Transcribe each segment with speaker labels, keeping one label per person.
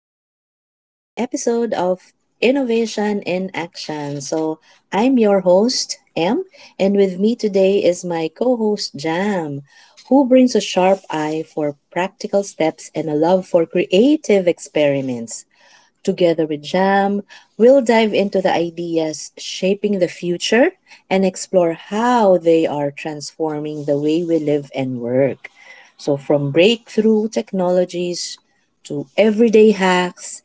Speaker 1: Welcome to today's episode of Innovation in Action. I'm your host, M, and with me today is my co host, Jam, who brings a sharp eye for practical steps and a love for creative experiments. Together with Jam, we'll dive into the ideas shaping the future and explore how they are transforming the way we live and work. So, from breakthrough technologies to everyday hacks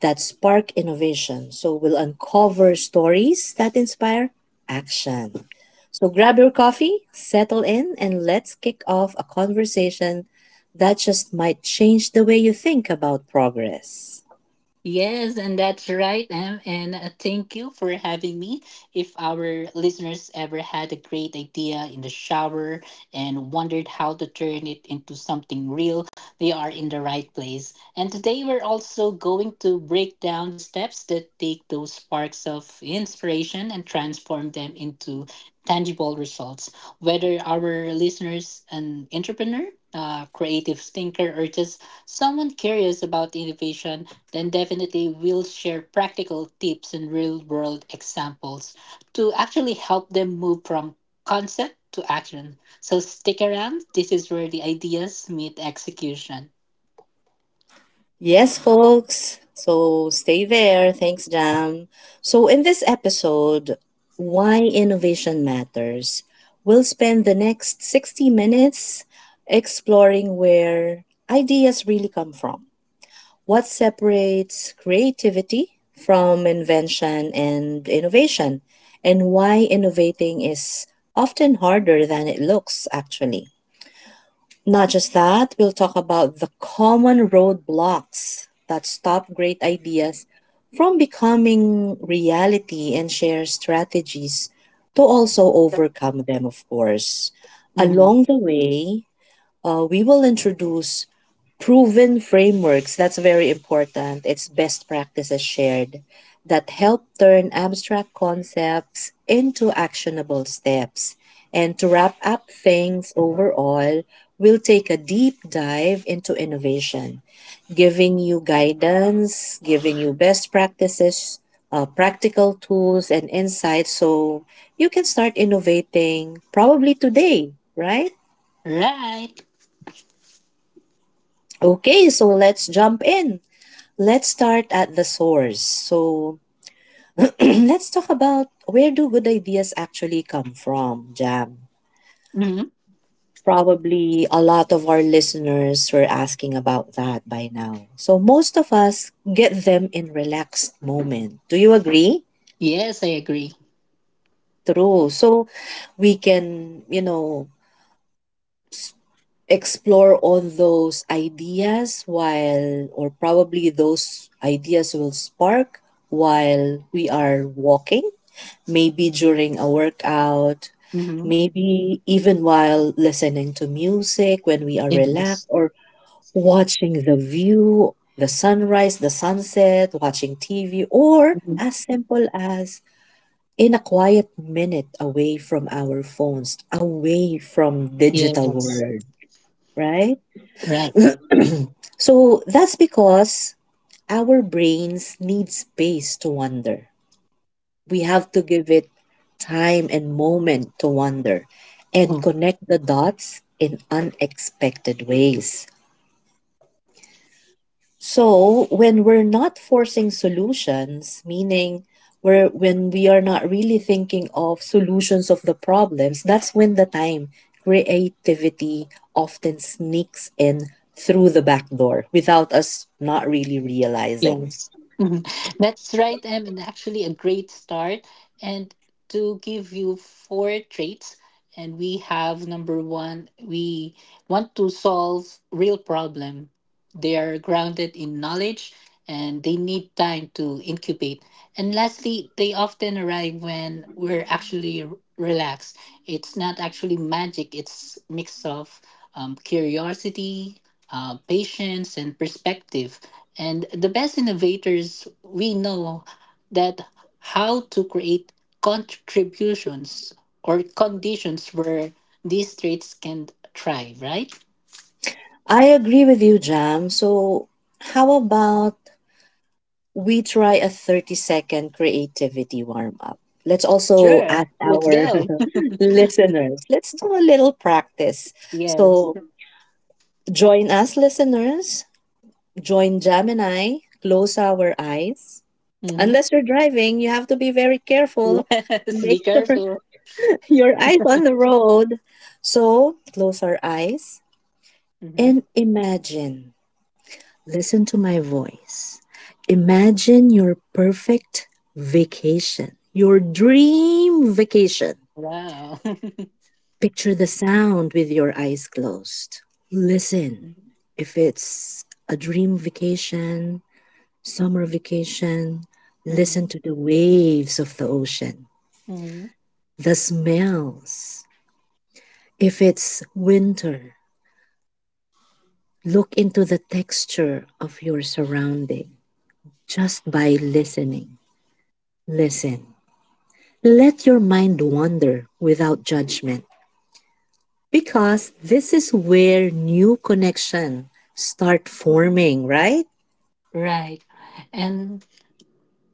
Speaker 1: that spark innovation. So, we'll uncover stories that inspire action. So, grab your coffee, settle in, and let's kick off a conversation that just might change the way you think about progress.
Speaker 2: Yes, and that's right, Em. And thank you for having me. If our listeners ever had a great idea in the shower and wondered how to turn it into something real, they are in the right place. And today we're also going to break down the steps that take those sparks of inspiration and transform them into tangible results. Whether our listeners an entrepreneur, a creative thinker, or just someone curious about innovation, then definitely we'll share practical tips and real world examples to actually help them move from concept to action. So stick around. This is where the ideas meet execution.
Speaker 1: Yes, folks. So stay there. Thanks, Jam. So, in this episode, Why Innovation Matters, we'll spend the next 60 minutes exploring where ideas really come from, what separates creativity from invention and innovation, and why innovating is often harder than it looks, actually. Not just that, we'll talk about the common roadblocks that stop great ideas from becoming reality and share strategies to also overcome them, of course.
Speaker 2: Mhm.
Speaker 1: Along the way, we will introduce proven frameworks. That's very important. It's best practices shared that help turn abstract concepts into actionable steps. And to wrap up things overall, we'll take a deep dive into innovation, giving you guidance, giving you best practices, practical tools, and insights so you can start innovating probably today, right?
Speaker 2: Right.
Speaker 1: Okay, so let's jump in. Let's start at the source. So let's talk about where do good ideas actually come from, Jam.
Speaker 2: Mhm.
Speaker 1: Probably a lot of our listeners were asking about that by now. So most of us get them in relaxed moment. Do you agree?
Speaker 2: Yes, I agree.
Speaker 1: True. So we can, you know, explore all those ideas while or probably those ideas will spark while we are walking, maybe during a workout,
Speaker 2: Mhm.
Speaker 1: maybe even while listening to music when we are relaxed,
Speaker 2: Yes.
Speaker 1: or watching the view, the sunrise, the sunset, watching tv, or
Speaker 2: Mhm.
Speaker 1: as simple as in a quiet minute away from our phones, away from digital
Speaker 2: Yes.
Speaker 1: world, right?
Speaker 2: Right.
Speaker 1: So that's because our brains need space to wonder. We have to give it time and moment to wonder and
Speaker 2: Mm-hmm.
Speaker 1: connect the dots in unexpected ways. So when we're not forcing solutions, meaning where when we are not really thinking of solutions of the problems, that's when the time creativity often sneaks in through the back door without us not really realizing.
Speaker 2: Yes, Mhm. that's right, Em, and actually a great start. And to give you four traits, and we have number one, we want to solve real problem. They are grounded in knowledge and they need time to incubate. And lastly, they often arrive when we're actually relaxed. It's not actually magic, it's mix of curiosity, patience, and perspective and the best innovators we know that how to create contributions or conditions where these traits can thrive, right?
Speaker 1: I agree with you, Jam. So, how about we try a 30-second creativity warm up? Let's also
Speaker 2: Sure.
Speaker 1: ask
Speaker 2: Let's
Speaker 1: our
Speaker 2: go.
Speaker 1: listeners. Let's do a little practice.
Speaker 2: Yes.
Speaker 1: So, join us, listeners. Join Jam and I. Close our eyes.
Speaker 2: Hmm.
Speaker 1: Unless you're driving, you have to be very careful.
Speaker 2: Yes. Be
Speaker 1: Make sure
Speaker 2: careful.
Speaker 1: your eyes on the road. So, close our eyes
Speaker 2: Hmm.
Speaker 1: and imagine. Listen to my voice. Imagine your perfect vacation, your dream vacation.
Speaker 2: Wow. Hmm.
Speaker 1: Picture the sound with your eyes closed. Listen. If it's a dream vacation, summer vacation, listen to the waves of the ocean,
Speaker 2: Hmm.
Speaker 1: the smells. If it's winter, look into the texture of your surrounding just by listening. Listen. Let your mind wander without judgment because this is where new connection start forming, right?
Speaker 2: Right. And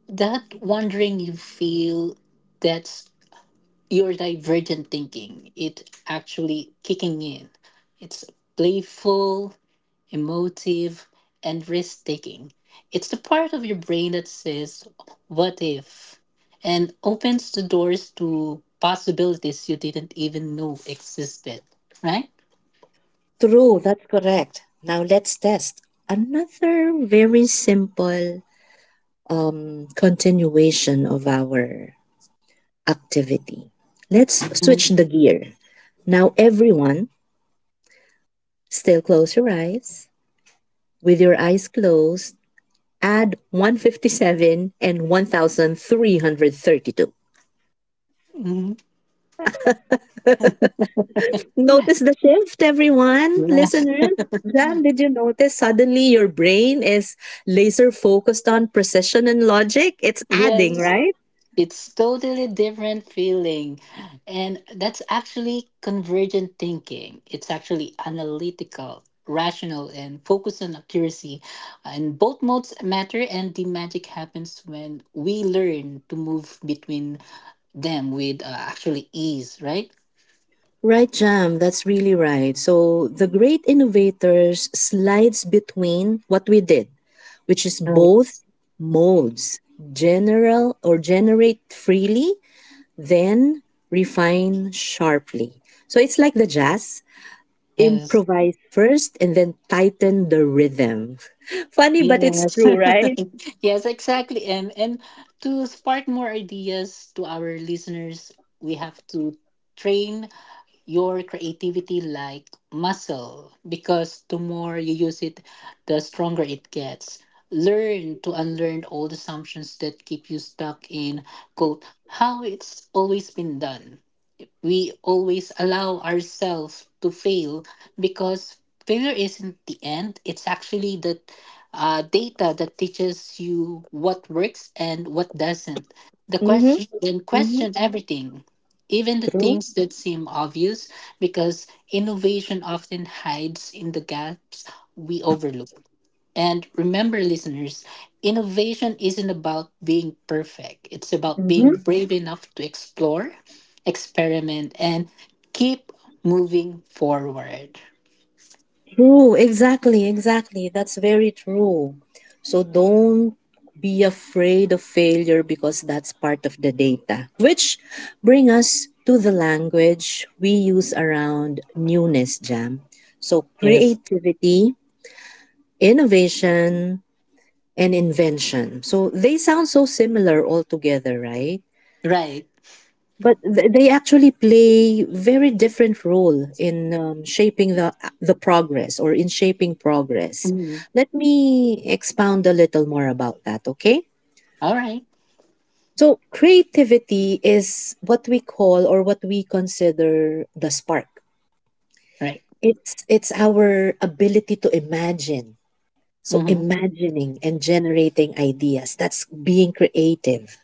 Speaker 2: that wondering you feel, that's your divergent thinking, it actually kicking in. It's playful, emotive, and risk taking. It's the part of your brain that says what if and opens the doors to possibilities you didn't even know existed, right?
Speaker 1: True, that's correct. Now let's test another very simple continuation of our activity. Let's switch the gear. Now, everyone, still close your eyes. With your eyes closed, add 157 and 1332.
Speaker 2: Mhm.
Speaker 1: Notice the shift, everyone,
Speaker 2: Yes.
Speaker 1: listeners. Jam, did you notice suddenly your brain is laser focused on precision and logic? It's
Speaker 2: Yes.
Speaker 1: adding, right?
Speaker 2: It's totally different feeling. And that's actually convergent thinking. It's actually analytical, rational, and focused on accuracy. And both modes matter, and the magic happens when we learn to move between them with actually ease, right?
Speaker 1: Right, Jam, that's really right. So the great innovators slides between what we did, which is
Speaker 2: Right.
Speaker 1: both modes, general or generate freely, then refine sharply. So it's like the jazz.
Speaker 2: Yes.
Speaker 1: Improvise first and then tighten the rhythm. Funny, but it's
Speaker 2: Yes.
Speaker 1: true, right?
Speaker 2: Yes, exactly. And to spark more ideas to our listeners, we have to train your creativity like muscle because the more you use it, the stronger it gets. Learn to unlearn old assumptions that keep you stuck in quote how it's always been done. We always allow ourselves to fail because failure isn't the end. It's actually the data that teaches you what works and what doesn't. The
Speaker 1: Mm-hmm.
Speaker 2: question then
Speaker 1: Mm-hmm.
Speaker 2: question everything, even the
Speaker 1: True.
Speaker 2: things that seem obvious, because innovation often hides in the gaps we overlook. And remember, listeners, innovation isn't about being perfect, it's about
Speaker 1: Mm-hmm.
Speaker 2: being brave enough to explore, experiment, and keep moving forward.
Speaker 1: True. Exactly. Exactly. That's very true. So don't be afraid of failure because that's part of the data. Which bring us to the language we use around newness, Jam. So
Speaker 2: Yes.
Speaker 1: creativity, innovation, and invention. So they sound so similar altogether, right?
Speaker 2: Right.
Speaker 1: But they actually play very different role in shaping the progress, or in shaping progress.
Speaker 2: Mhm.
Speaker 1: Let me expound a little more about that, okay?
Speaker 2: All right.
Speaker 1: So creativity is what we call or what we consider the spark.
Speaker 2: Right.
Speaker 1: It's our ability to imagine. So
Speaker 2: Hmm.
Speaker 1: imagining and generating ideas, that's being creative.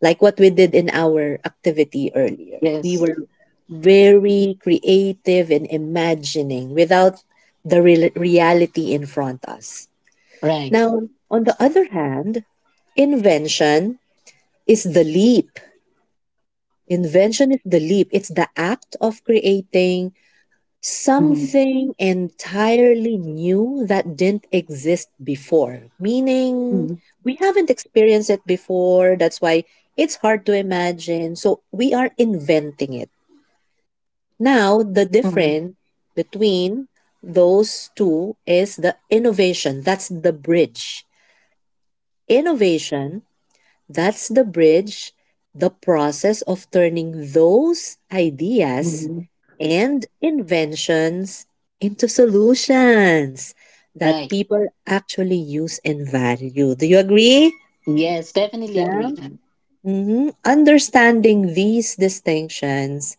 Speaker 1: Like what we did in our activity earlier. We
Speaker 2: Yes.
Speaker 1: were very creative and imagining without the real reality in front us.
Speaker 2: Right.
Speaker 1: Now, on the other hand, invention is the leap. Invention is the leap. It's the act of creating
Speaker 2: Hmm.
Speaker 1: something entirely new that didn't exist before. Meaning,
Speaker 2: Hmm.
Speaker 1: we haven't experienced it before. That's why it's hard to imagine. So, we are inventing it. Now, the difference between those two is the innovation. That's the bridge. Innovation, that's the bridge, the process of turning those ideas
Speaker 2: Hmm.
Speaker 1: and inventions into solutions that
Speaker 2: Right.
Speaker 1: people actually use and value. Do you agree?
Speaker 2: Yes, definitely agree.
Speaker 1: Jam? hmm. Understanding these distinctions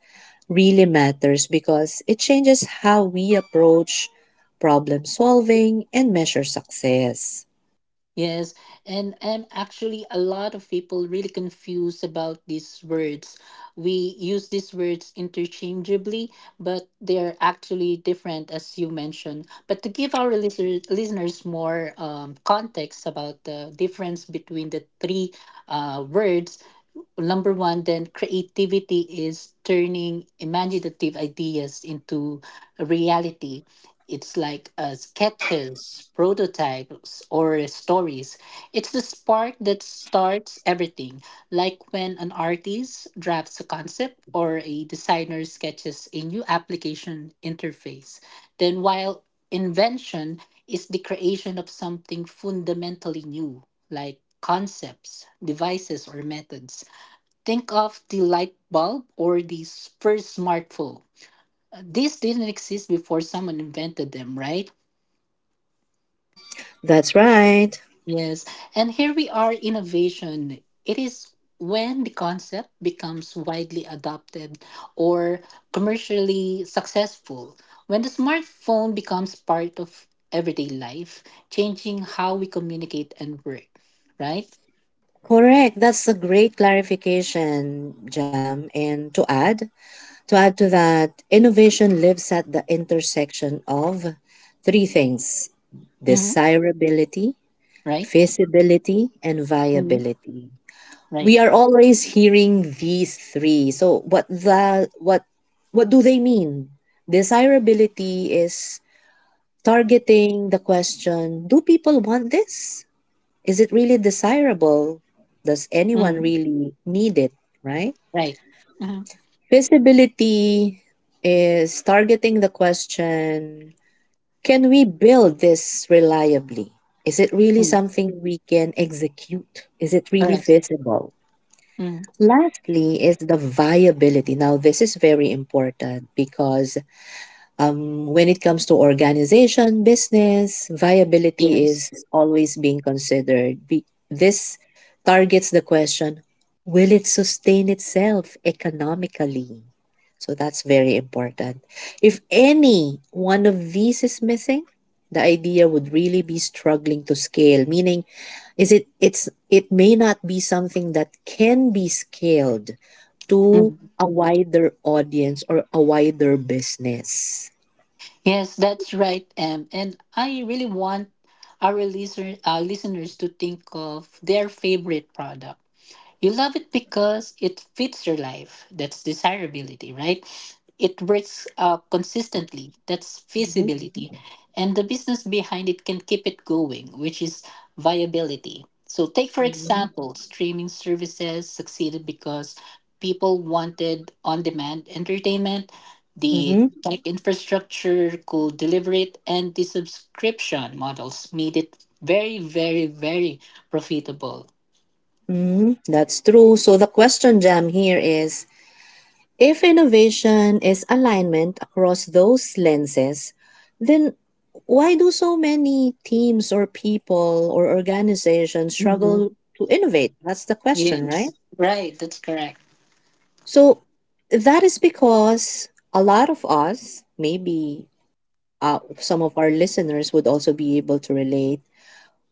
Speaker 1: really matters because it changes how we approach problem solving and measure success.
Speaker 2: Yes, and actually a lot of people really confused about these words. We use these words interchangeably, but they're actually different as you mentioned. But to give our listeners more context about the difference between the three words, number one then creativity is turning imaginative ideas into a reality. It's like sketches, prototypes, or stories. It's the spark that starts everything, like when an artist drafts a concept or a designer sketches a new application interface. Then while invention is the creation of something fundamentally new, like concepts, devices, or methods. Think of the light bulb or the first smartphone. These didn't exist before someone invented them, right?
Speaker 1: That's right.
Speaker 2: Yes. And here we are innovation. It is when the concept becomes widely adopted or commercially successful. When the smartphone becomes part of everyday life, changing how we communicate and work, right?
Speaker 1: Correct. That's a great clarification, Jam. And to add to that, innovation lives at the intersection of three things:
Speaker 2: Mm-hmm.
Speaker 1: desirability,
Speaker 2: Right?
Speaker 1: feasibility, and
Speaker 2: Mm-hmm.
Speaker 1: viability.
Speaker 2: Right.
Speaker 1: We are always hearing these three. So what do they mean? Desirability is targeting the question, do people want this? Is it really desirable? Does anyone
Speaker 2: Mm-hmm.
Speaker 1: really need it, right?
Speaker 2: Right. Mm-hmm.
Speaker 1: Feasibility is targeting the question, can we build this reliably? Is it really
Speaker 2: Mm-hmm.
Speaker 1: something we can execute? Is it really
Speaker 2: Correct.
Speaker 1: feasible?
Speaker 2: Mm-hmm.
Speaker 1: Lastly, is the viability. Now, this is very important because when it comes to organization, business, viability
Speaker 2: Yes.
Speaker 1: is always being considered. This targets the question, will it sustain itself economically? So that's very important. If any one of these is missing, the idea would really be struggling to scale, meaning is it it's it may not be something that can be scaled to
Speaker 2: Mhm.
Speaker 1: a wider audience or a wider business.
Speaker 2: Yes, that's right, Em. And I really want our listeners to think of their favorite product. You love it because it fits your life. That's desirability, right? It works consistently. That's
Speaker 1: Mm-hmm.
Speaker 2: feasibility. And the business behind it can keep it going, which is viability. So, take for
Speaker 1: Mm-hmm.
Speaker 2: example, streaming services succeeded because people wanted on demand entertainment, the
Speaker 1: Mm-hmm.
Speaker 2: tech infrastructure could deliver it, and the subscription models made it very, very, very profitable.
Speaker 1: Mm-hmm. That's true. So the question, Jam, here is, if innovation is alignment across those lenses, then why do so many teams or people or organizations struggle to innovate? That's the question,
Speaker 2: Yes,
Speaker 1: right?
Speaker 2: right. That's correct.
Speaker 1: So that is because a lot of us, maybe some of our listeners would also be able to relate,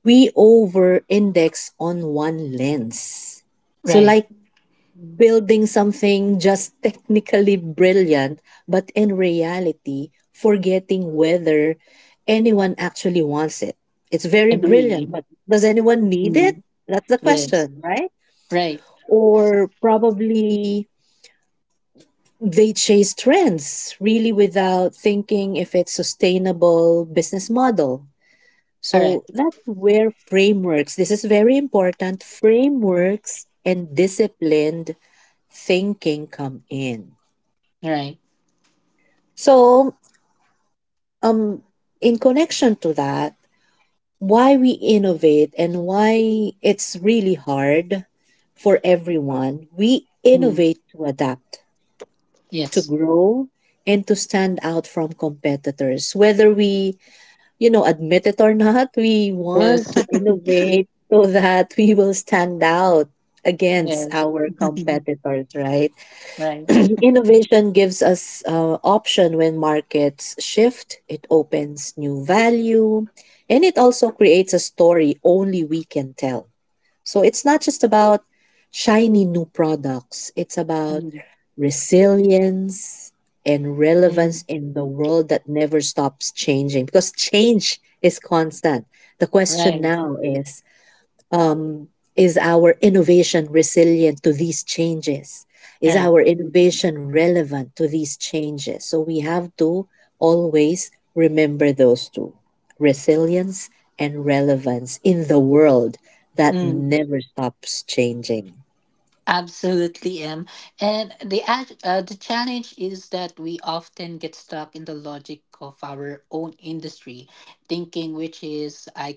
Speaker 1: we over index on one lens. So,
Speaker 2: Right.
Speaker 1: like building something just technically brilliant, but in reality, forgetting whether anyone actually wants it. It's very brilliant,
Speaker 2: Agree.
Speaker 1: but does anyone need it?
Speaker 2: Mm.
Speaker 1: That's the
Speaker 2: Yes.
Speaker 1: question, right?
Speaker 2: Right.
Speaker 1: Or probably they chase trends really without thinking if it's sustainable business model. So
Speaker 2: Correct.
Speaker 1: that's where frameworks, this is very important, frameworks and disciplined thinking come in.
Speaker 2: Right.
Speaker 1: So, um, in connection to that, why we innovate and why it's really hard for everyone, we
Speaker 2: Mm.
Speaker 1: innovate to adapt, to
Speaker 2: Yes.
Speaker 1: grow, and to stand out from competitors. Whether we, you know, admit it or not, we want to
Speaker 2: Yes.
Speaker 1: innovate so that we will stand out against
Speaker 2: Yes.
Speaker 1: our competitors, right?
Speaker 2: Right.
Speaker 1: Innovation gives us option when markets shift, it opens new value, and it also creates a story only we can tell. So it's not just about shiny new products, it's about
Speaker 2: Mm.
Speaker 1: resilience and
Speaker 2: Mm.
Speaker 1: relevance in the world that never stops changing because change is constant. The question
Speaker 2: Right.
Speaker 1: now is, um, is our innovation resilient to these changes? Is
Speaker 2: Right.
Speaker 1: our innovation relevant to these changes? So we have to always remember those two, resilience and relevance in the world that
Speaker 2: Mm.
Speaker 1: never stops changing.
Speaker 2: Absolutely am. And the challenge is that we often get stuck in the logic of our own industry, thinking which is I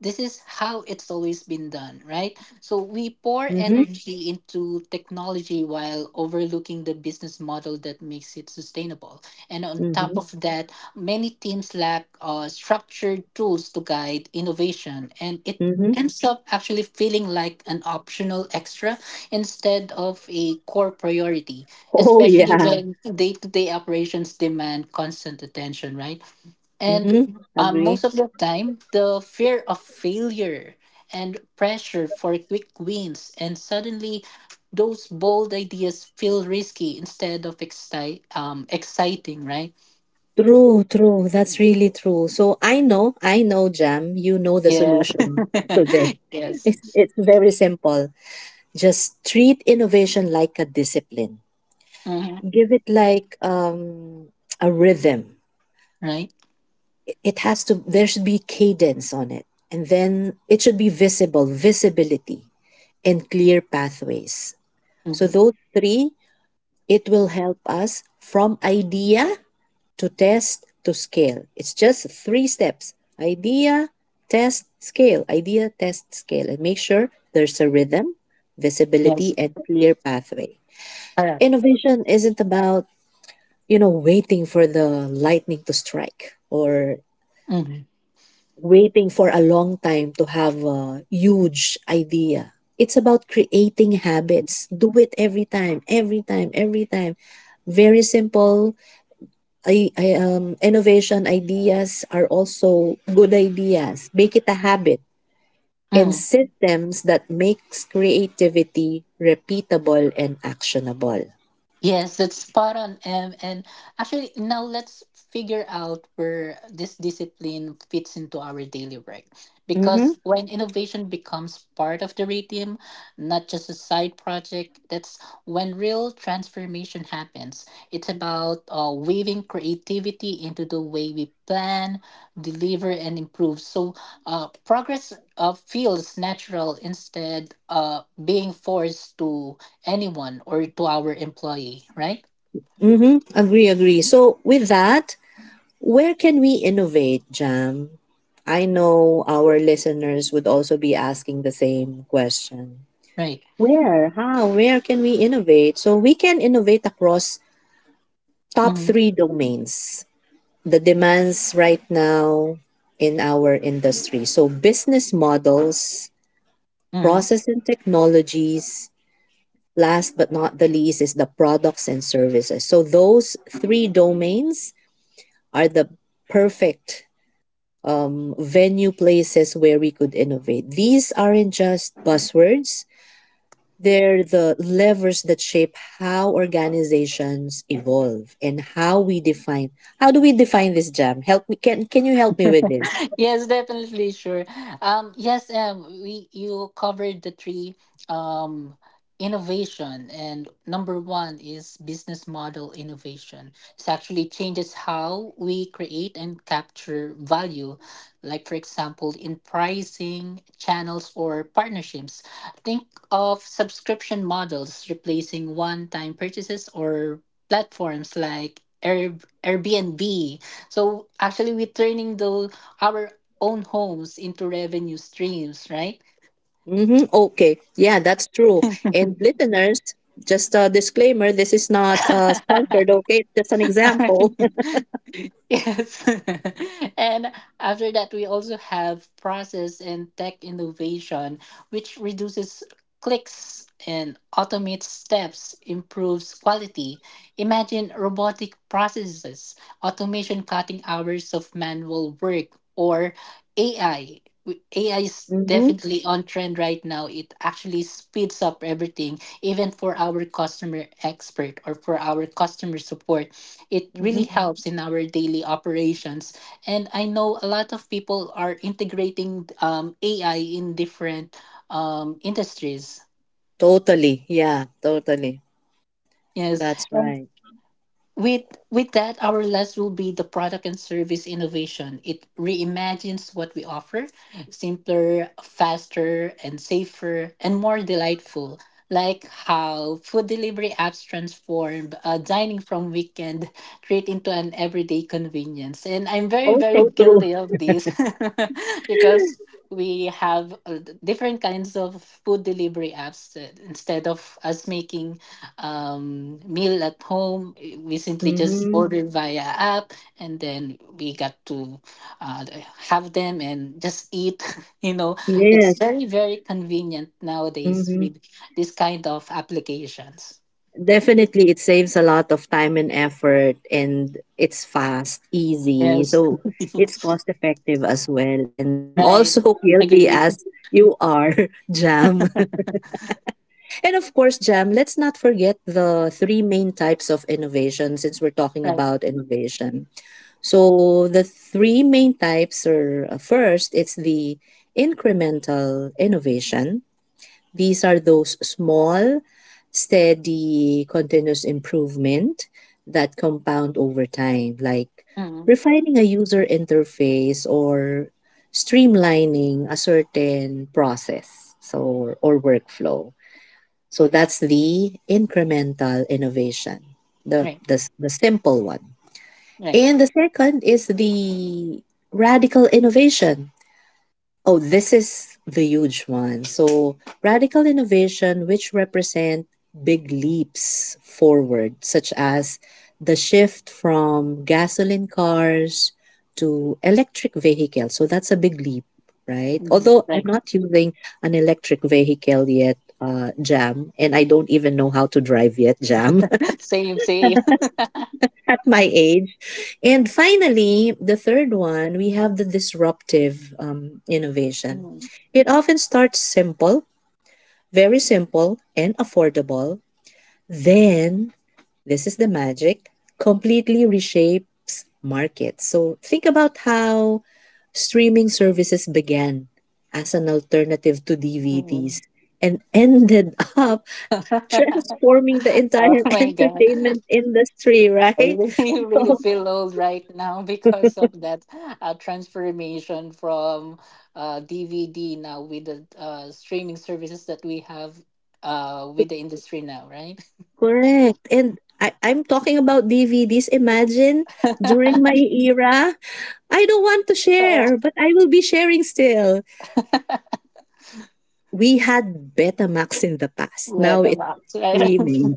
Speaker 2: this is how it's always been done, right? So we pour
Speaker 1: Mm-hmm,
Speaker 2: energy into technology while overlooking the business model that makes it sustainable. And on top
Speaker 1: mm-hmm,
Speaker 2: of that, many teams lack structured tools to guide innovation, and it
Speaker 1: mm-hmm.
Speaker 2: ends up actually feeling like an optional extra instead of a core priority,
Speaker 1: Oh,
Speaker 2: especially
Speaker 1: yeah.
Speaker 2: when day to day operations demand constant attention, right? And
Speaker 1: Mm-hmm. Agree.
Speaker 2: most of the time, the fear of failure and pressure for quick wins, and suddenly those bold ideas feel risky instead of exciting, right?
Speaker 1: True, true. That's really true. So I know, Jam, you know the
Speaker 2: Yes.
Speaker 1: solution to this.
Speaker 2: Yes.
Speaker 1: It's very simple. Just treat innovation like a discipline.
Speaker 2: Mhm.
Speaker 1: Give it like a rhythm.
Speaker 2: Right?
Speaker 1: It has to, there should be cadence on it. And then it should be visible, visibility, and clear pathways. So,
Speaker 2: Hmm.
Speaker 1: those three, it will help us from idea to test to scale. It's just three steps: idea, idea, test, scale, and make sure there's a rhythm, visibility,
Speaker 2: Yes.
Speaker 1: and clear pathway.
Speaker 2: Correct.
Speaker 1: Innovation isn't about, you know, waiting for the lightning to strike or
Speaker 2: Hmm.
Speaker 1: waiting for a long time to have a huge idea. It's about creating habits. Do it every time, every time, every time. Very simple. Innovation ideas are also good ideas. Make it a habit and systems that makes creativity repeatable and actionable.
Speaker 2: Yes, that's spot on, Em. And actually, now let's figure out where this discipline fits into our daily work. Because
Speaker 1: Mhm.
Speaker 2: when innovation becomes part of the rhythm, not just a side project, that's when real transformation happens. It's about weaving creativity into the way we plan, deliver, and improve. So progress feels natural instead being forced to anyone or to our employee, right?
Speaker 1: Mm-hmm. Agree, agree. So, with that, where can we innovate, Jam? I know our listeners would also be asking the same question.
Speaker 2: Right.
Speaker 1: Where? How? Where can we innovate? So, we can innovate across top
Speaker 2: Mm-hmm.
Speaker 1: three domains. The demands right now in our industry. So, business models,
Speaker 2: Mm-hmm.
Speaker 1: process and technologies, last but not the least is the products and services. So, those three domains are the perfect venue places where we could innovate. These aren't just buzzwords, they're the levers that shape how organizations evolve and how we define. How do we define this, Jam? Help me. Can you help me with this?
Speaker 2: Yes, definitely sure. Yes, we you covered the three um innovation and number one is business model innovation. It actually changes how we create and capture value, like for example in pricing, channels or partnerships. Think of subscription models replacing one-time purchases or platforms like Airbnb, so actually, we're turning the our own homes into revenue streams, right?
Speaker 1: Mm-hmm. Okay. Yeah, that's true. And listeners, just a disclaimer, this is not sponsored, okay? It's just an example.
Speaker 2: Yes. And after that we also have process and tech innovation, which reduces clicks and automates steps, improves quality. Imagine robotic processes automation cutting hours of manual work or AI. AI is
Speaker 1: Mhm.
Speaker 2: definitely on trend right now, it actually speeds up everything, even for our customer expert or for our customer support. It really
Speaker 1: Mhm.
Speaker 2: helps in our daily operations, and I know a lot of people are integrating AI in different industries.
Speaker 1: Totally. Yeah, totally.
Speaker 2: Yes.
Speaker 1: That's right.
Speaker 2: With with that, our last will be the product and service innovation. It reimagines what we offer, simpler, faster, and safer, and more delightful. Like how food delivery apps transformed dining from weekend treat into an everyday convenience. And I'm very,
Speaker 1: Oh,
Speaker 2: very
Speaker 1: so true.
Speaker 2: guilty of this. Because we have different kinds of food delivery apps instead of us making meal at home. We simply just
Speaker 1: Mhm.
Speaker 2: ordered via app, and then we got to uh, have them and just eat. You know,
Speaker 1: Yes.
Speaker 2: it's very very convenient nowadays
Speaker 1: Mhm.
Speaker 2: with this kind of applications.
Speaker 1: Definitely, it saves a lot of time and effort, and it's fast, easy.
Speaker 2: Yes.
Speaker 1: So it's cost effective as well. And I'm
Speaker 2: Right.
Speaker 1: also guilty
Speaker 2: Agree.
Speaker 1: as you are, Jam. And of course, Jam, let's not forget the three main types of innovation since we're talking
Speaker 2: Right.
Speaker 1: about innovation. So, the three main types are, first, it's the incremental innovation. These are those small, steady, continuous improvement that compound over time, like
Speaker 2: Mm.
Speaker 1: refining a user interface or streamlining a certain process, so, or workflow. So that's the incremental innovation, the,
Speaker 2: Right.
Speaker 1: the, the simple one.
Speaker 2: Right.
Speaker 1: And the second is the radical innovation. Oh, this is the huge one. So, radical innovation, which represent big leaps forward, such as the shift from gasoline cars to electric vehicles. So, that's a big leap, right?
Speaker 2: Mhm.
Speaker 1: Although I'm
Speaker 2: Right.
Speaker 1: not using an electric vehicle yet, Jam, and I don't even know how to drive yet, Jam,
Speaker 2: Same. Same.
Speaker 1: my age. And finally, the third one, we have the disruptive innovation.
Speaker 2: Mm.
Speaker 1: It often starts simple, very simple, and affordable. Then, this is the magic, completely reshapes markets. So, think about how streaming services began as an alternative to
Speaker 2: Mm.
Speaker 1: DVDs and ended up transforming the
Speaker 2: Oh
Speaker 1: entire
Speaker 2: my god.
Speaker 1: entertainment industry,
Speaker 2: I
Speaker 1: right?
Speaker 2: really, really feel old right now because of that transformation from DVD now with the streaming services that we have with the industry now, right?
Speaker 1: Correct, and I'm talking about DVDs. Imagine during my
Speaker 2: Yeah,
Speaker 1: era, I don't want to share, but I will be sharing still. We had Betamax in the past. Now
Speaker 2: the
Speaker 1: it's
Speaker 2: box, right?
Speaker 1: streaming.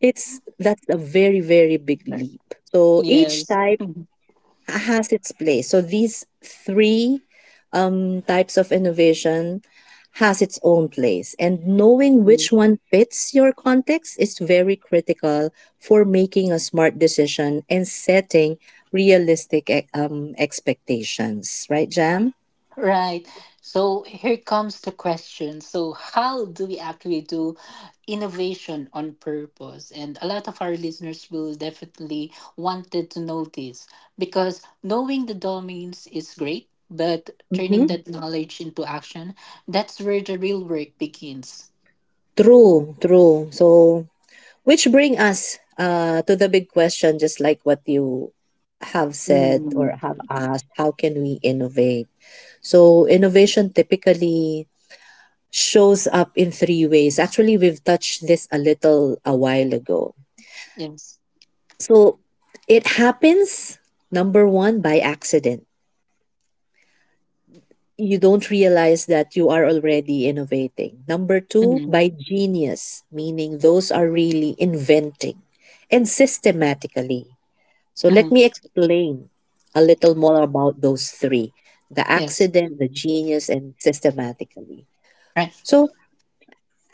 Speaker 1: It's that's a very very big leap. So each
Speaker 2: Yes.
Speaker 1: time has its place. So these three types of innovation has its own place, and knowing which one fits your context is very critical for making a smart decision and setting realistic expectations, right, Jam?
Speaker 2: Right. So here comes the question. So, how do we actually do innovation on purpose? And a lot of our listeners will definitely wanted to know this because knowing the domains is great, but turning
Speaker 1: hmm
Speaker 2: that knowledge into action, that's where the real work begins.
Speaker 1: True, true. So, which bring us to the big question, just like what you have said
Speaker 2: Mm.
Speaker 1: or have asked, how can we innovate? So innovation typically shows up in three ways. Actually, we've touched this a little a while ago.
Speaker 2: Yes.
Speaker 1: So it happens, number one, by accident. You don't realize that you are already innovating. Number two,
Speaker 2: Hmm.
Speaker 1: by genius, meaning those are really inventing, and systematically. So let
Speaker 2: Hmm.
Speaker 1: me explain a little more about those three: the
Speaker 2: Yes.
Speaker 1: accident, the genius, and systematically.
Speaker 2: Right.
Speaker 1: So,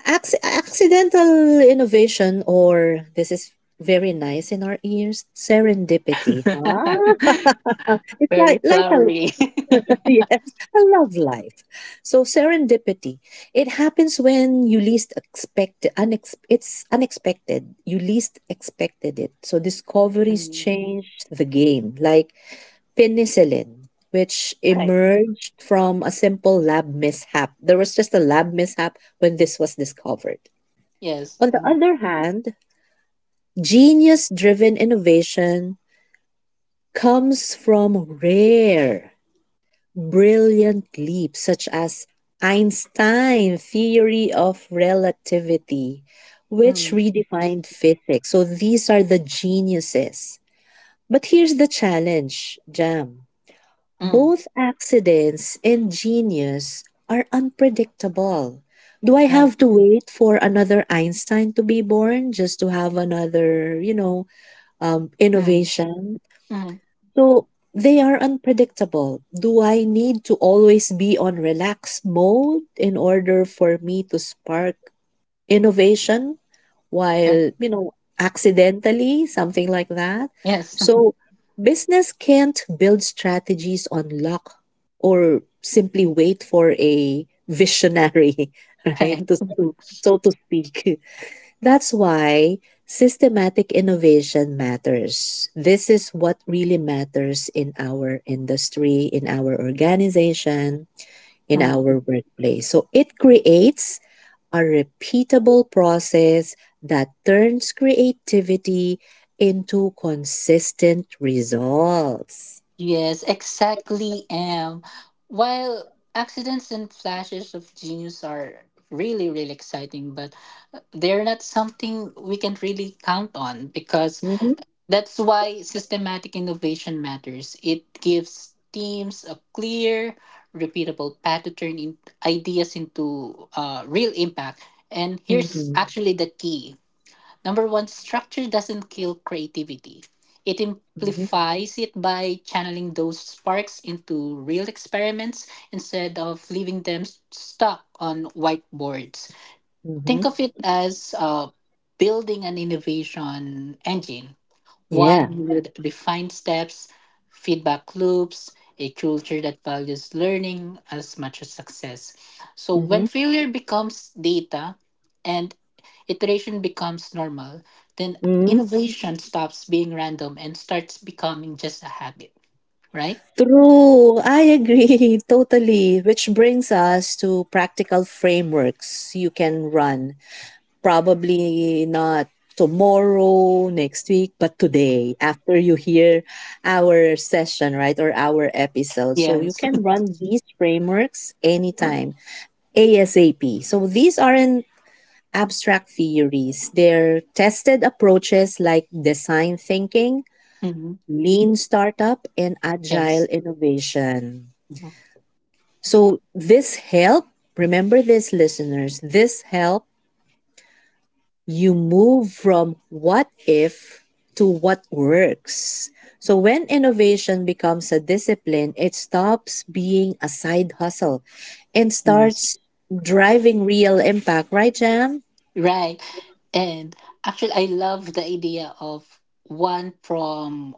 Speaker 1: accidental innovation, or this is very nice in our ears, serendipity. Ah, it's
Speaker 2: Very flowery.
Speaker 1: yes, a love life. So, serendipity, it happens when you least expect, it's unexpected. You least expected it. So, discoveries
Speaker 2: Mm.
Speaker 1: change the game. Like penicillin, which
Speaker 2: Right.
Speaker 1: emerged from a simple lab mishap. There was just a lab mishap when this was discovered.
Speaker 2: Yes.
Speaker 1: On the other hand, genius driven innovation comes from rare, brilliant leaps such as Einstein's theory of relativity, which
Speaker 2: Mhm.
Speaker 1: redefined physics. So these are the geniuses. But here's the challenge, Jam.
Speaker 2: Mm,
Speaker 1: Both accidents and genius are unpredictable. Do I
Speaker 2: right.
Speaker 1: have to wait for another Einstein to be born just to have another, you know,
Speaker 2: Mm,
Speaker 1: innovation?
Speaker 2: mm,
Speaker 1: So they are unpredictable. Do I need to always be on relaxed mode in order for me to spark innovation
Speaker 2: okay.
Speaker 1: while, you know, accidentally, something like that.
Speaker 2: Yes,
Speaker 1: So business can't build strategies on luck or simply wait for a visionary, right?
Speaker 2: right.
Speaker 1: So to speak. That's why systematic innovation matters. This is what really matters in our industry, in our organization, in our
Speaker 2: Mm,
Speaker 1: workplace. So it creates a repeatable process that turns creativity into consistent results.
Speaker 2: yes, exactly. While accidents and flashes of genius are really, really exciting, but they're not something we can really count on, because
Speaker 1: Mhm.
Speaker 2: that's why systematic innovation matters. It gives teams a clear, repeatable path to turn in ideas into real impact. And here's
Speaker 1: Mhm.
Speaker 2: actually the key. Number one, structure doesn't kill creativity. It
Speaker 1: Mhm.
Speaker 2: amplifies it by channeling those sparks into real experiments instead of leaving them stuck on whiteboards. Think
Speaker 1: Mhm.
Speaker 2: of it as building an innovation engine,
Speaker 1: Yeah.
Speaker 2: one with defined steps, feedback loops, a culture that values learning as much as success. So when failure becomes data and iteration becomes normal, then
Speaker 1: Hmm.
Speaker 2: innovation stops being random and starts becoming just a habit, right?
Speaker 1: True, I agree totally, which brings us to practical frameworks you can run. Probably not tomorrow, next week, but today after you hear our session, right, or our episode. So you
Speaker 2: Yes.
Speaker 1: can run these frameworks anytime, ASAP. So these aren't abstract theories, they're tested approaches like design thinking,
Speaker 2: Mhm.
Speaker 1: lean startup, and agile
Speaker 2: Yes.
Speaker 1: innovation. So this help, remember this listeners, this help you move from what if to what works. So when innovation becomes a discipline, it stops being a side hustle and
Speaker 2: Mhm.
Speaker 1: starts driving real impact, right, Jam?
Speaker 2: Right. And actually, I love the idea of one from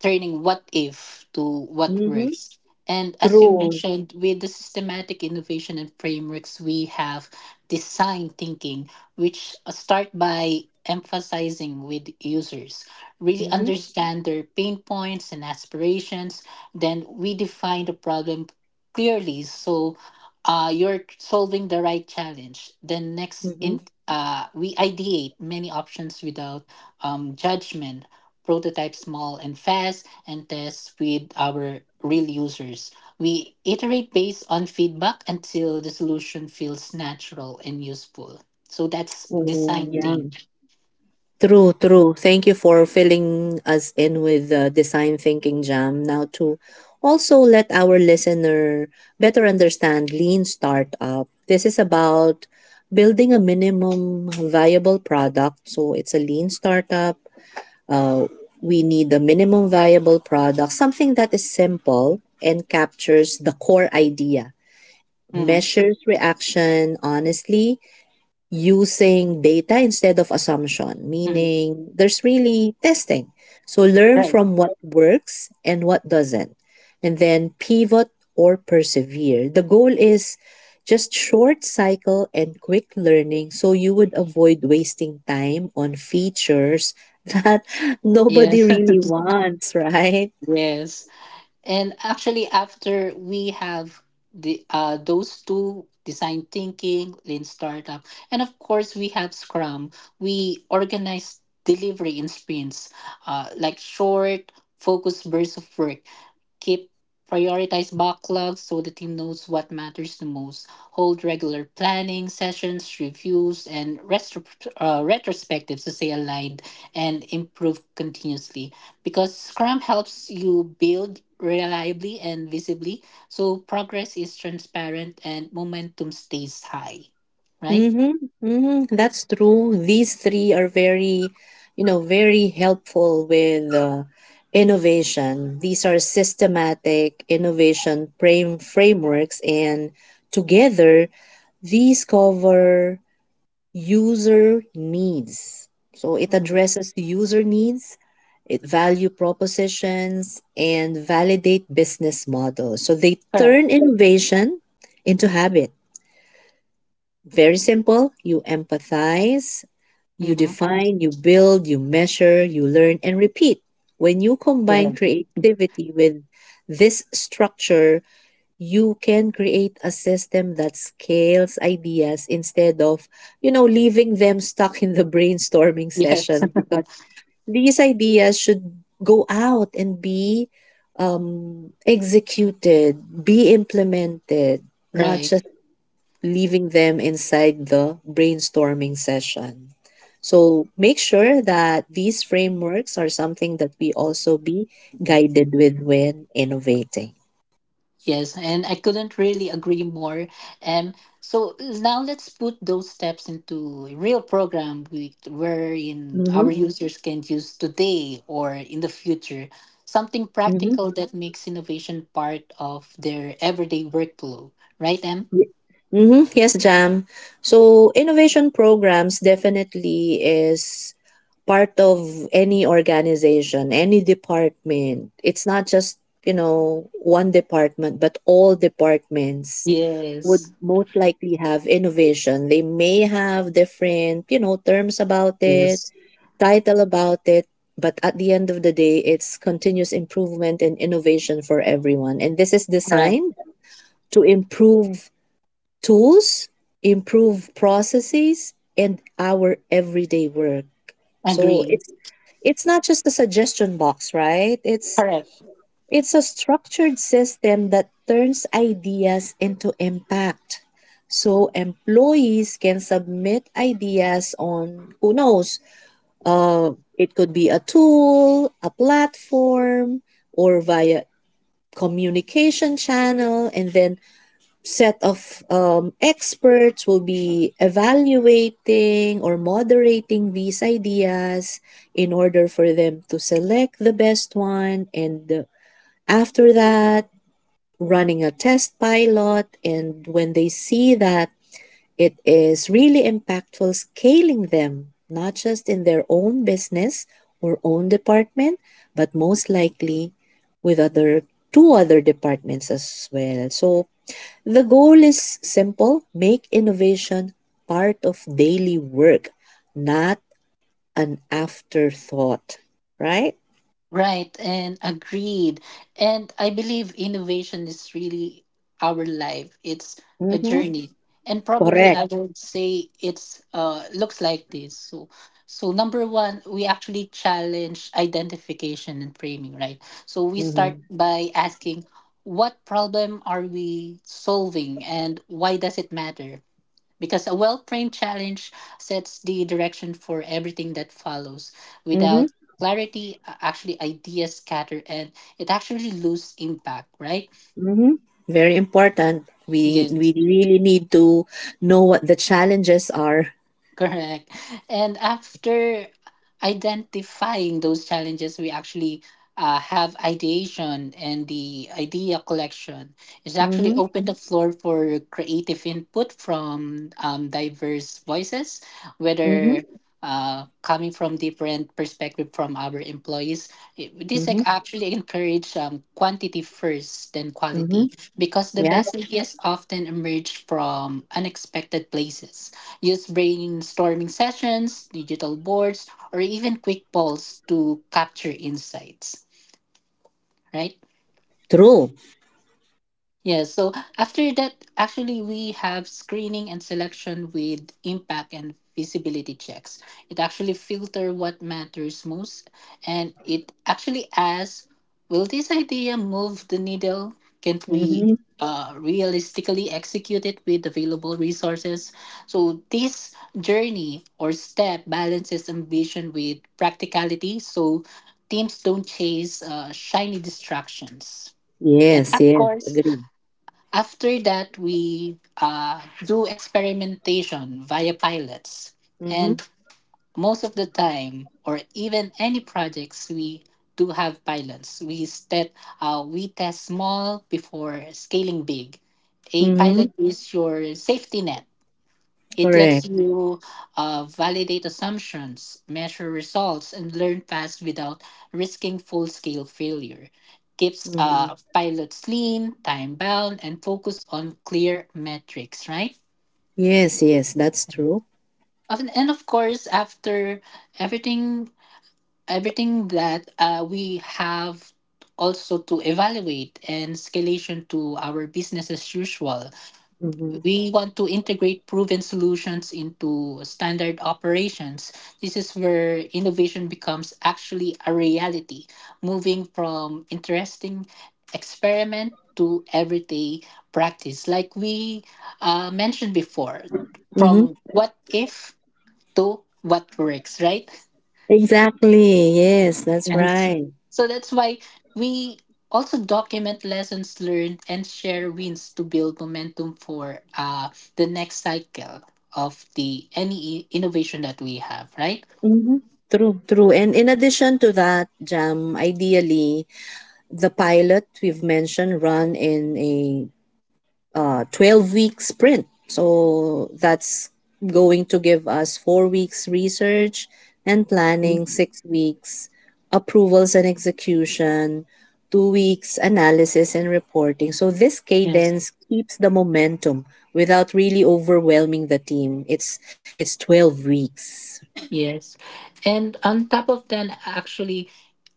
Speaker 2: turning what if to what
Speaker 1: Mm-hmm.
Speaker 2: works. And as you
Speaker 1: True.
Speaker 2: mentioned, with the systematic innovation and frameworks, we have design thinking, which start by emphasizing with users, really
Speaker 1: Mm-hmm.
Speaker 2: understand their pain points and aspirations. Then we define the problem clearly, so you're solving the right challenge. Then next,
Speaker 1: Mm-hmm.
Speaker 2: in we ideate many options without judgment, prototype small and fast, and test with our real users. We iterate based on feedback until the solution feels natural and useful. So that's
Speaker 1: Oh,
Speaker 2: design
Speaker 1: yeah.
Speaker 2: thing.
Speaker 1: True, true. Thank you for filling us in with the design thinking, Jam. Now, to also let our listener better understand lean startup, this is about building a minimum viable product. So, it's a lean startup. Uh, we need a minimum viable product, something that is simple and captures the core idea,
Speaker 2: Mhm,
Speaker 1: measures reaction honestly, using data instead of assumption,
Speaker 2: mhm.
Speaker 1: meaning there's really testing. So learn
Speaker 2: Right.
Speaker 1: from what works and what doesn't, and then pivot or persevere. The goal is just short cycle and quick learning so you would avoid wasting time on features that nobody
Speaker 2: Yes.
Speaker 1: really wants, right?
Speaker 2: Yes. And actually, after we have the those two design thinking, lean startup, and of course we have Scrum. We organize delivery in sprints, like short, focused bursts of work, keep, prioritize backlogs so the team knows what matters the most, hold regular planning sessions, reviews, and retrospectives to stay aligned and improve continuously, because scrum helps you build reliably and visibly, so progress is transparent and momentum stays high, right?
Speaker 1: Mm-hmm. Mm-hmm. That's true. These three are very, you know, very helpful with innovation. These are systematic innovation frameworks, and together these cover user needs. So it
Speaker 2: Mhm.
Speaker 1: addresses the user needs, it value propositions, and validate business models. So they
Speaker 2: Correct.
Speaker 1: turn innovation into habit. Very simple. You empathize, you
Speaker 2: Mm-hmm.
Speaker 1: define, you build, you measure, you learn, and repeat. When you combine
Speaker 2: Correct.
Speaker 1: creativity with this structure, you can create a system that scales ideas instead of, you know, leaving them stuck in the brainstorming
Speaker 2: Yes.
Speaker 1: session, because these ideas should go out and be executed, be implemented, not
Speaker 2: right.
Speaker 1: just leaving them inside the brainstorming session. So make sure that these frameworks are something that we also be guided with when innovating.
Speaker 2: Yes, and I couldn't really agree more. Um, so now let's put those steps into a real program we, wherein
Speaker 1: Mm-hmm.
Speaker 2: our Mhm. users can use today or in the future. Something practical
Speaker 1: Mm-hmm.
Speaker 2: that Mhm. makes innovation part of their everyday workflow, right, Em?
Speaker 1: Mm-hmm. Yes, Jam. So innovation programs definitely is part of any organization, any department. It's not just, you know, one department, but all departments would
Speaker 2: Yes.
Speaker 1: most likely have innovation. They may have different, you know, terms about it,
Speaker 2: Yes.
Speaker 1: title about it, but at the end of the day, it's continuous improvement and innovation for everyone. And this is
Speaker 2: Correct.
Speaker 1: designed to improve tools, improve processes, and our everyday work. So
Speaker 2: Agree.
Speaker 1: it's not just a suggestion box, right?
Speaker 2: Correct.
Speaker 1: It's a structured system that turns ideas into impact. So employees can submit ideas on who knows. Uh, it could be a tool, a platform, or via communication channel, and then set of experts will be evaluating or moderating these ideas in order for them to select the best one. And after that, running a test pilot, and when they see that it is really impactful, scaling them, not just in their own business or own department, but most likely with other two other departments as well. So the goal is simple: make innovation part of daily work, not an afterthought, right?
Speaker 2: Right, and agreed. And I believe innovation is really our life. It's a
Speaker 1: Mm-hmm.
Speaker 2: journey. And probably
Speaker 1: Correct.
Speaker 2: I would say it's looks like this. So number one, we actually challenge identification and framing, right? So we start
Speaker 1: Mm-hmm.
Speaker 2: by asking, what problem are we solving and why does it matter? Because a well framed challenge sets the direction for everything that follows.
Speaker 1: Mm-hmm.
Speaker 2: Without clarity, actually, ideas scatter and it actually loses impact, right?
Speaker 1: Hmm. Very important. We
Speaker 2: Yes.
Speaker 1: really need to know what the challenges are.
Speaker 2: Correct. And after identifying those challenges, we actually have ideation, and the idea collection is actually
Speaker 1: Mm-hmm.
Speaker 2: open the floor for creative input from diverse voices, whether
Speaker 1: Mm-hmm.
Speaker 2: coming from different perspective from our employees. This
Speaker 1: Mm-hmm.
Speaker 2: like actually encourage quantity first, then
Speaker 1: Mm-hmm.
Speaker 2: quality, because the
Speaker 1: Yeah.
Speaker 2: best ideas often emerge from unexpected places. Use brainstorming sessions, digital boards, or even quick polls to capture insights, right?
Speaker 1: True.
Speaker 2: Yeah, so after that, actually, we have screening and selection with impact and visibility checks. It actually filter what matters most, and it actually asks, will this idea move the needle? Can we
Speaker 1: Mm-hmm.
Speaker 2: realistically execute it with available resources? So this journey or step balances ambition with practicality, so teams don't chase shiny distractions. And
Speaker 1: Yes.
Speaker 2: of
Speaker 1: Yes.
Speaker 2: course,
Speaker 1: Agree.
Speaker 2: after that, we do experimentation via pilots.
Speaker 1: Mm-hmm.
Speaker 2: And most of the time, or even any projects, we do have pilots. We test small before scaling big. A
Speaker 1: Mm-hmm.
Speaker 2: pilot is your safety net, it lets
Speaker 1: Correct.
Speaker 2: you validate assumptions, measure results, and learn fast without risking full scale failure. Keeps
Speaker 1: Mm-hmm.
Speaker 2: pilots lean, time bound, and focused on clear metrics, right?
Speaker 1: Yes. Yes. That's true.
Speaker 2: And of course, after everything, everything that we have also to evaluate and scalation to our business as usual.
Speaker 1: Mm-hmm.
Speaker 2: We want to integrate proven solutions into standard operations. This is where innovation becomes actually a reality, moving from interesting experiment to everyday practice. Like we mentioned before,
Speaker 1: Mm-hmm.
Speaker 2: from what if to what works, right?
Speaker 1: Exactly. Yes. That's
Speaker 2: Yes.
Speaker 1: right.
Speaker 2: So that's why we also document lessons learned and share wins to build momentum for the next cycle of the any innovation that we have, right?
Speaker 1: Mm-hmm. True, true. And in addition to that, Jam, ideally, the pilot we've mentioned run in a 12-week sprint. So that's going to give us 4 weeks research and
Speaker 2: Mm.
Speaker 1: planning, 6 weeks approvals and execution, 2 weeks analysis and reporting. So this
Speaker 2: Yes.
Speaker 1: cadence keeps the momentum without really overwhelming the team. It's 12 weeks.
Speaker 2: Yes. And on top of that, actually,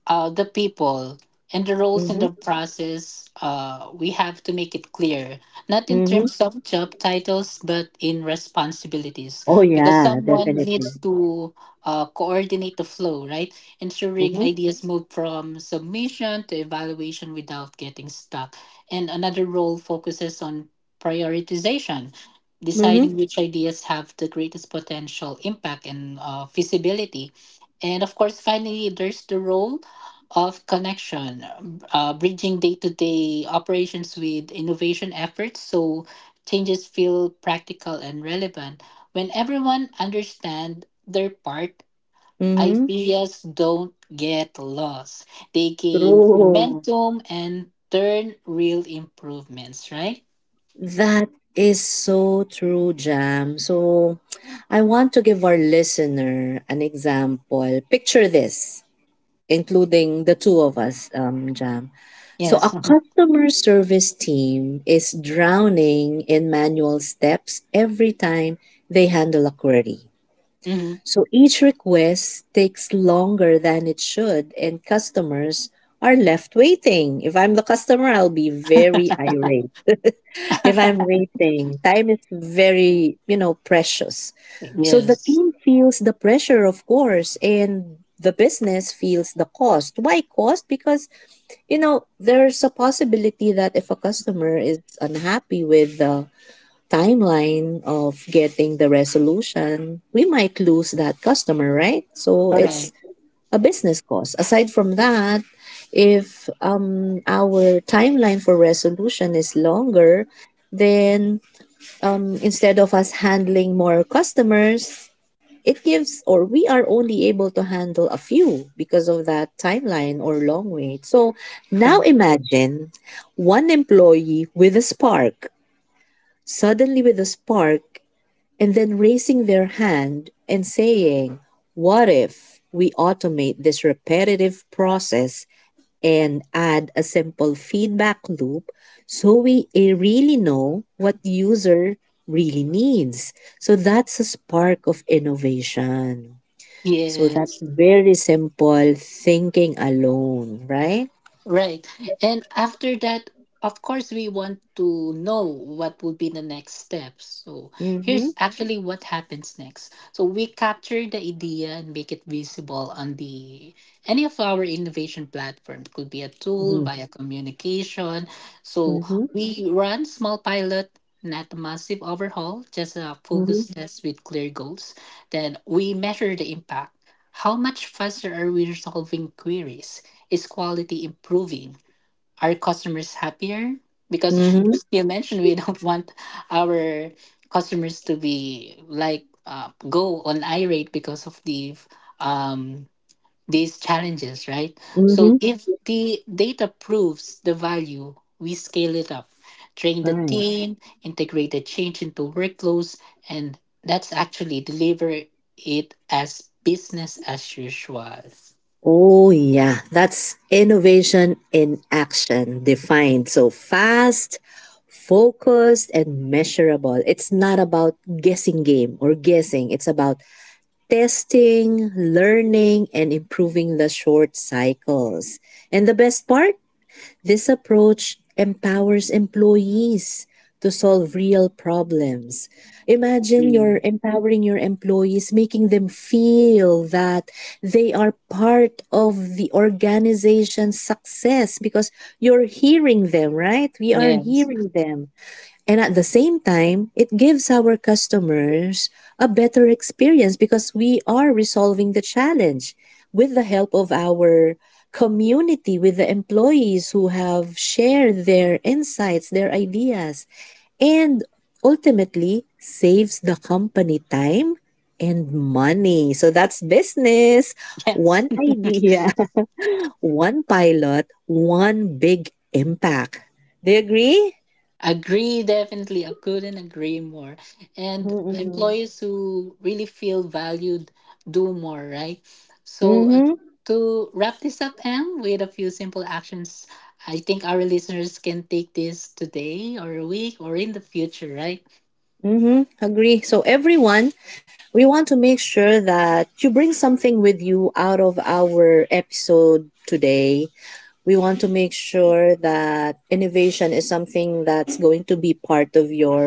Speaker 2: the people and the roles in
Speaker 1: Mm-hmm.
Speaker 2: the process, we have to make it clear, not in
Speaker 1: Mm-hmm.
Speaker 2: terms of job titles, but in responsibilities,
Speaker 1: Oh
Speaker 2: because
Speaker 1: yeah,
Speaker 2: someone
Speaker 1: definitely.
Speaker 2: needs to coordinate the flow, right? Ensuring
Speaker 1: Mm-hmm.
Speaker 2: ideas move from submission to evaluation without getting stuck. And another role focuses on prioritization,
Speaker 1: Mm-hmm.
Speaker 2: deciding which ideas have the greatest potential impact and feasibility. And of course, finally, there's the role of connection, bridging day to day operations with innovation efforts so changes feel practical and relevant. When everyone understands their part,
Speaker 1: Mm-hmm.
Speaker 2: ideas don't get lost. They gain
Speaker 1: True.
Speaker 2: momentum and turn real improvements, right?
Speaker 1: That is so true, Jam. So, I want to give our listener an example. Picture this, including the two of us, Jam. So, a
Speaker 2: Yes.
Speaker 1: customer service team is drowning in manual steps every time they handle a query.
Speaker 2: Mhm.
Speaker 1: So, each request takes longer than it should, and customers are left waiting. If I'm the customer, I'll be very irate if I'm waiting. Time is very, you know, precious. So the
Speaker 2: Yes.
Speaker 1: team feels the pressure, of course, and the business feels the cost. Why cost? Because, you know, there's a possibility that if a customer is unhappy with the timeline of getting the resolution, we might lose that customer, right? So it's
Speaker 2: Correct.
Speaker 1: a business cost. Aside from that, if our timeline for resolution is longer, then instead of us handling more customers, it gives, or we are only able to handle a few because of that timeline or long wait. So now imagine one employee with a spark, suddenly with a spark, and then raising their hand and saying, "What if we automate this repetitive process and add a simple feedback loop so we really know what user really needs." So that's a spark of innovation. So that's
Speaker 2: Yes.
Speaker 1: very simple thinking alone, right?
Speaker 2: Right. And after that, of course, we want to know what will be the next steps. So
Speaker 1: Mm-hmm.
Speaker 2: here's Mhm. actually what happens next. So we capture the idea and make it visible on the any of our innovation platform. It could be a tool
Speaker 1: Mm-hmm.
Speaker 2: via communication. So
Speaker 1: Mm-hmm.
Speaker 2: we run small pilot, not a massive overhaul, just a
Speaker 1: Mm-hmm.
Speaker 2: focus Mhm. test with clear goals. Then we measure the impact. How much faster are we resolving queries? Is quality improving? Are customers happier? Because
Speaker 1: Mm-hmm.
Speaker 2: you mentioned we don't want our customers to be like go on irate because of the um, these challenges, right?
Speaker 1: Mm-hmm.
Speaker 2: So if the data proves the value, we scale it up, train the
Speaker 1: Right.
Speaker 2: team, integrate the change into workflows, and that's actually deliver it as business as usual.
Speaker 1: Oh yeah, that's innovation in action defined. So fast, focused and measurable. It's not about guessing game or guessing. It's about testing, learning, and improving the short cycles. And the best part, this approach empowers employees to solve real problems. Imagine
Speaker 2: Mm.
Speaker 1: you're empowering your employees, making them feel that they are part of the organization's success because you're hearing them, right? We are
Speaker 2: Yes,
Speaker 1: hearing them. And at the same time, it gives our customers a better experience because we are resolving the challenge with the help of our community, with the employees who have shared their insights, their ideas, and ultimately saves the company time and money. So that's business.
Speaker 2: yes.
Speaker 1: One idea, one pilot, one big impact. Do you agree?
Speaker 2: Agree, definitely. I couldn't agree more. And
Speaker 1: Mm-mm.
Speaker 2: employees who really feel valued do more, right? So,
Speaker 1: Mm-hmm.
Speaker 2: to wrap this up, Em, with a few simple actions, I think our listeners can take this today or a week or in the future, right?
Speaker 1: Mm-hmm. Agree. So everyone, we want to make sure that you bring something with you out of our episode today. We want to make sure that innovation is something that's going to be part of your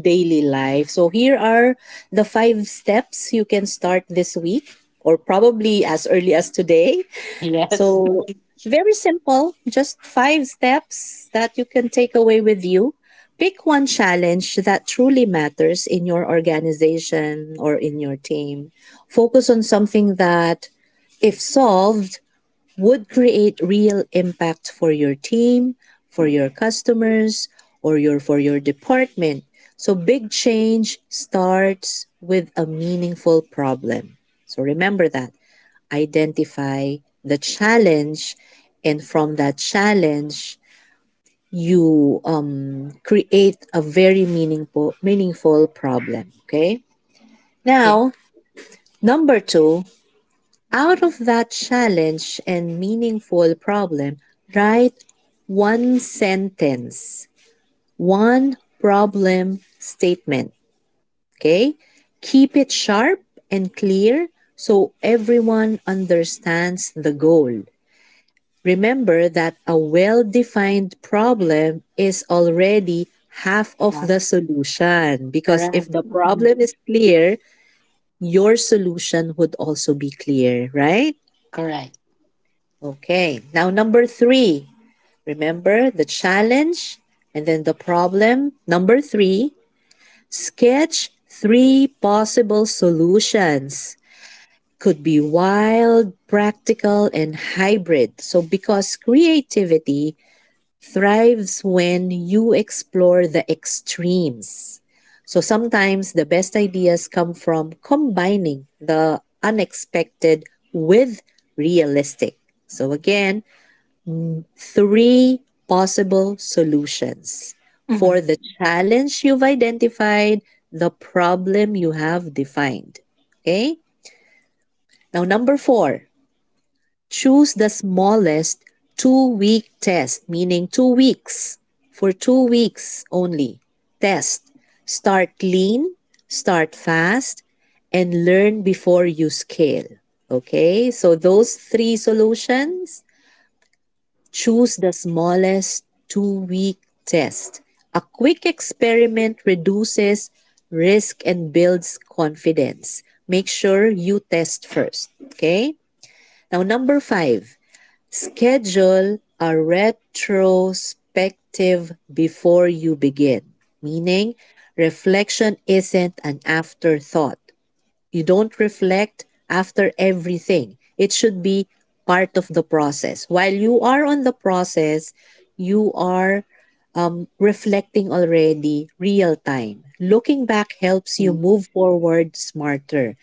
Speaker 1: daily life. So here are the five steps you can start this week or probably as early as today.
Speaker 2: Yes.
Speaker 1: So, very simple, just five steps that you can take away with you. Pick one challenge that truly matters in your organization or in your team. Focus on something that, if solved, would create real impact for your team, for your customers, or your for your department. So big change starts with a meaningful problem. So remember that, identify the challenge, and from that challenge, you create a very meaningful problem. Okay.
Speaker 2: Okay.
Speaker 1: Now, number two, out of that challenge and meaningful problem, write one sentence, one problem statement. Okay. Keep it sharp and clear so everyone understands the goal. Remember that a well-defined problem is already half of the solution,
Speaker 2: Yeah.
Speaker 1: because if
Speaker 2: Correct.
Speaker 1: the
Speaker 2: Mhm.
Speaker 1: problem is clear, your solution would also be clear, right?
Speaker 2: Correct.
Speaker 1: Okay. Now number 3. Remember the challenge and then the problem. Number 3, sketch 3 possible solutions. Could be wild, practical and hybrid. So because creativity thrives when you explore the extremes. So sometimes the best ideas come from combining the unexpected with realistic. So again, three possible solutions
Speaker 2: Mhm.
Speaker 1: for the challenge you've identified, the problem you have defined. Okay? Now, number four, choose the smallest two-week test, meaning two weeks, for two weeks only. Test. Start lean, start fast, and learn before you scale. Okay, so those three solutions, choose the smallest two-week test. A quick experiment reduces risk and builds confidence. Make sure you test first. Okay, now number five, schedule a retrospective before you begin, meaning reflection isn't an afterthought. You don't reflect after everything, it should be part of the process. While you are on the process, you are reflecting already real time. Looking back helps you
Speaker 2: Mhm.
Speaker 1: move forward smarter.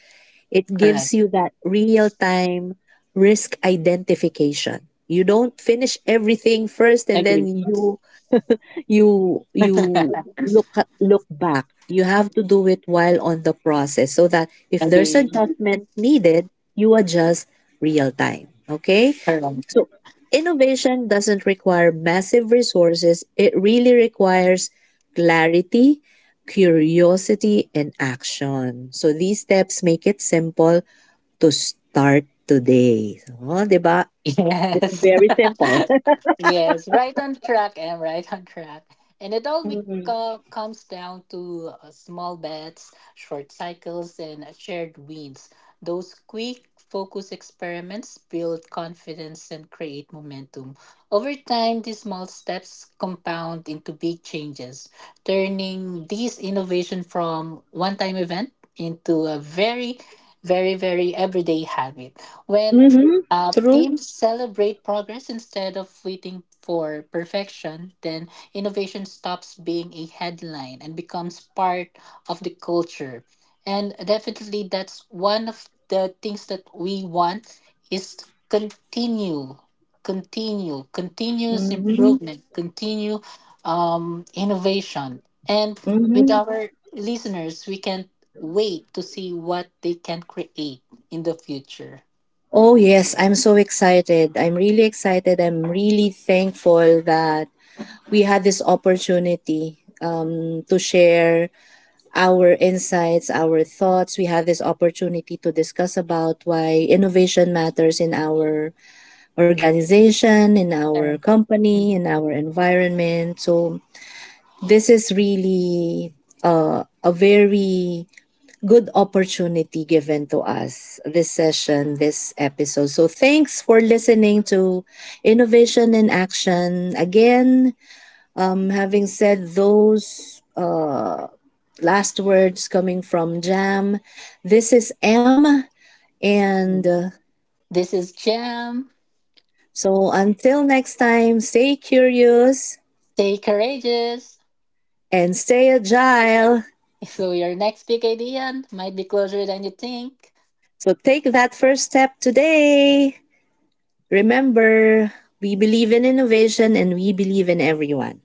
Speaker 1: It
Speaker 2: Correct.
Speaker 1: gives you that real time risk identification. You don't finish everything first and then
Speaker 2: Agree.
Speaker 1: you you look back. You have to do it while on the process so that if there's
Speaker 2: Agree.
Speaker 1: adjustment needed, you adjust real time. Okay?
Speaker 2: Correct.
Speaker 1: So innovation doesn't require massive resources, it really requires clarity, curiosity, and action. So these steps make it simple to start today. Oh, 'di ba? It's
Speaker 2: Yes.
Speaker 1: very simple.
Speaker 2: Yes, right on track and right on track. And it all comes down to small bets, short cycles, and shared wins. Those quick focus experiments build confidence and create momentum. Over time, these small steps compound into big changes, turning this innovation from one time event into a very very very everyday habit when
Speaker 1: Mm-hmm. True.
Speaker 2: teams celebrate progress instead of waiting for perfection, then innovation stops being a headline and becomes part of the culture. And definitely, that's one of the things that we want is continue, continuous
Speaker 1: Mm-hmm. Mm-hmm.
Speaker 2: improvement, continue innovation. And with our listeners, we can wait to see what they can create in the future.
Speaker 1: Oh yes, I'm so excited. I'm really excited. I'm really thankful that we had this opportunity to share our insights, our thoughts. We have this opportunity to discuss about why innovation matters in our organization, in our
Speaker 2: Yeah.
Speaker 1: company, in our environment. So, this is really a very good opportunity given to us, this session, this episode. So, thanks for listening to Innovation in Action. Again, having said those last words coming from Jam, this is M. And
Speaker 2: Mm.
Speaker 1: uh,
Speaker 2: This is Jam.
Speaker 1: so until next time, stay curious
Speaker 2: Stay courageous.
Speaker 1: and stay agile.
Speaker 2: So your next big idea might be closer than you think.
Speaker 1: So take that first step today. Remember, we believe in innovation and we believe in everyone.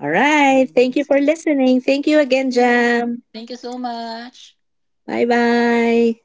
Speaker 1: All right. Thank you for
Speaker 2: Mm.
Speaker 1: listening. Thank you again,
Speaker 2: Yes.
Speaker 1: Jam.
Speaker 2: Thank you so much.
Speaker 1: Bye bye.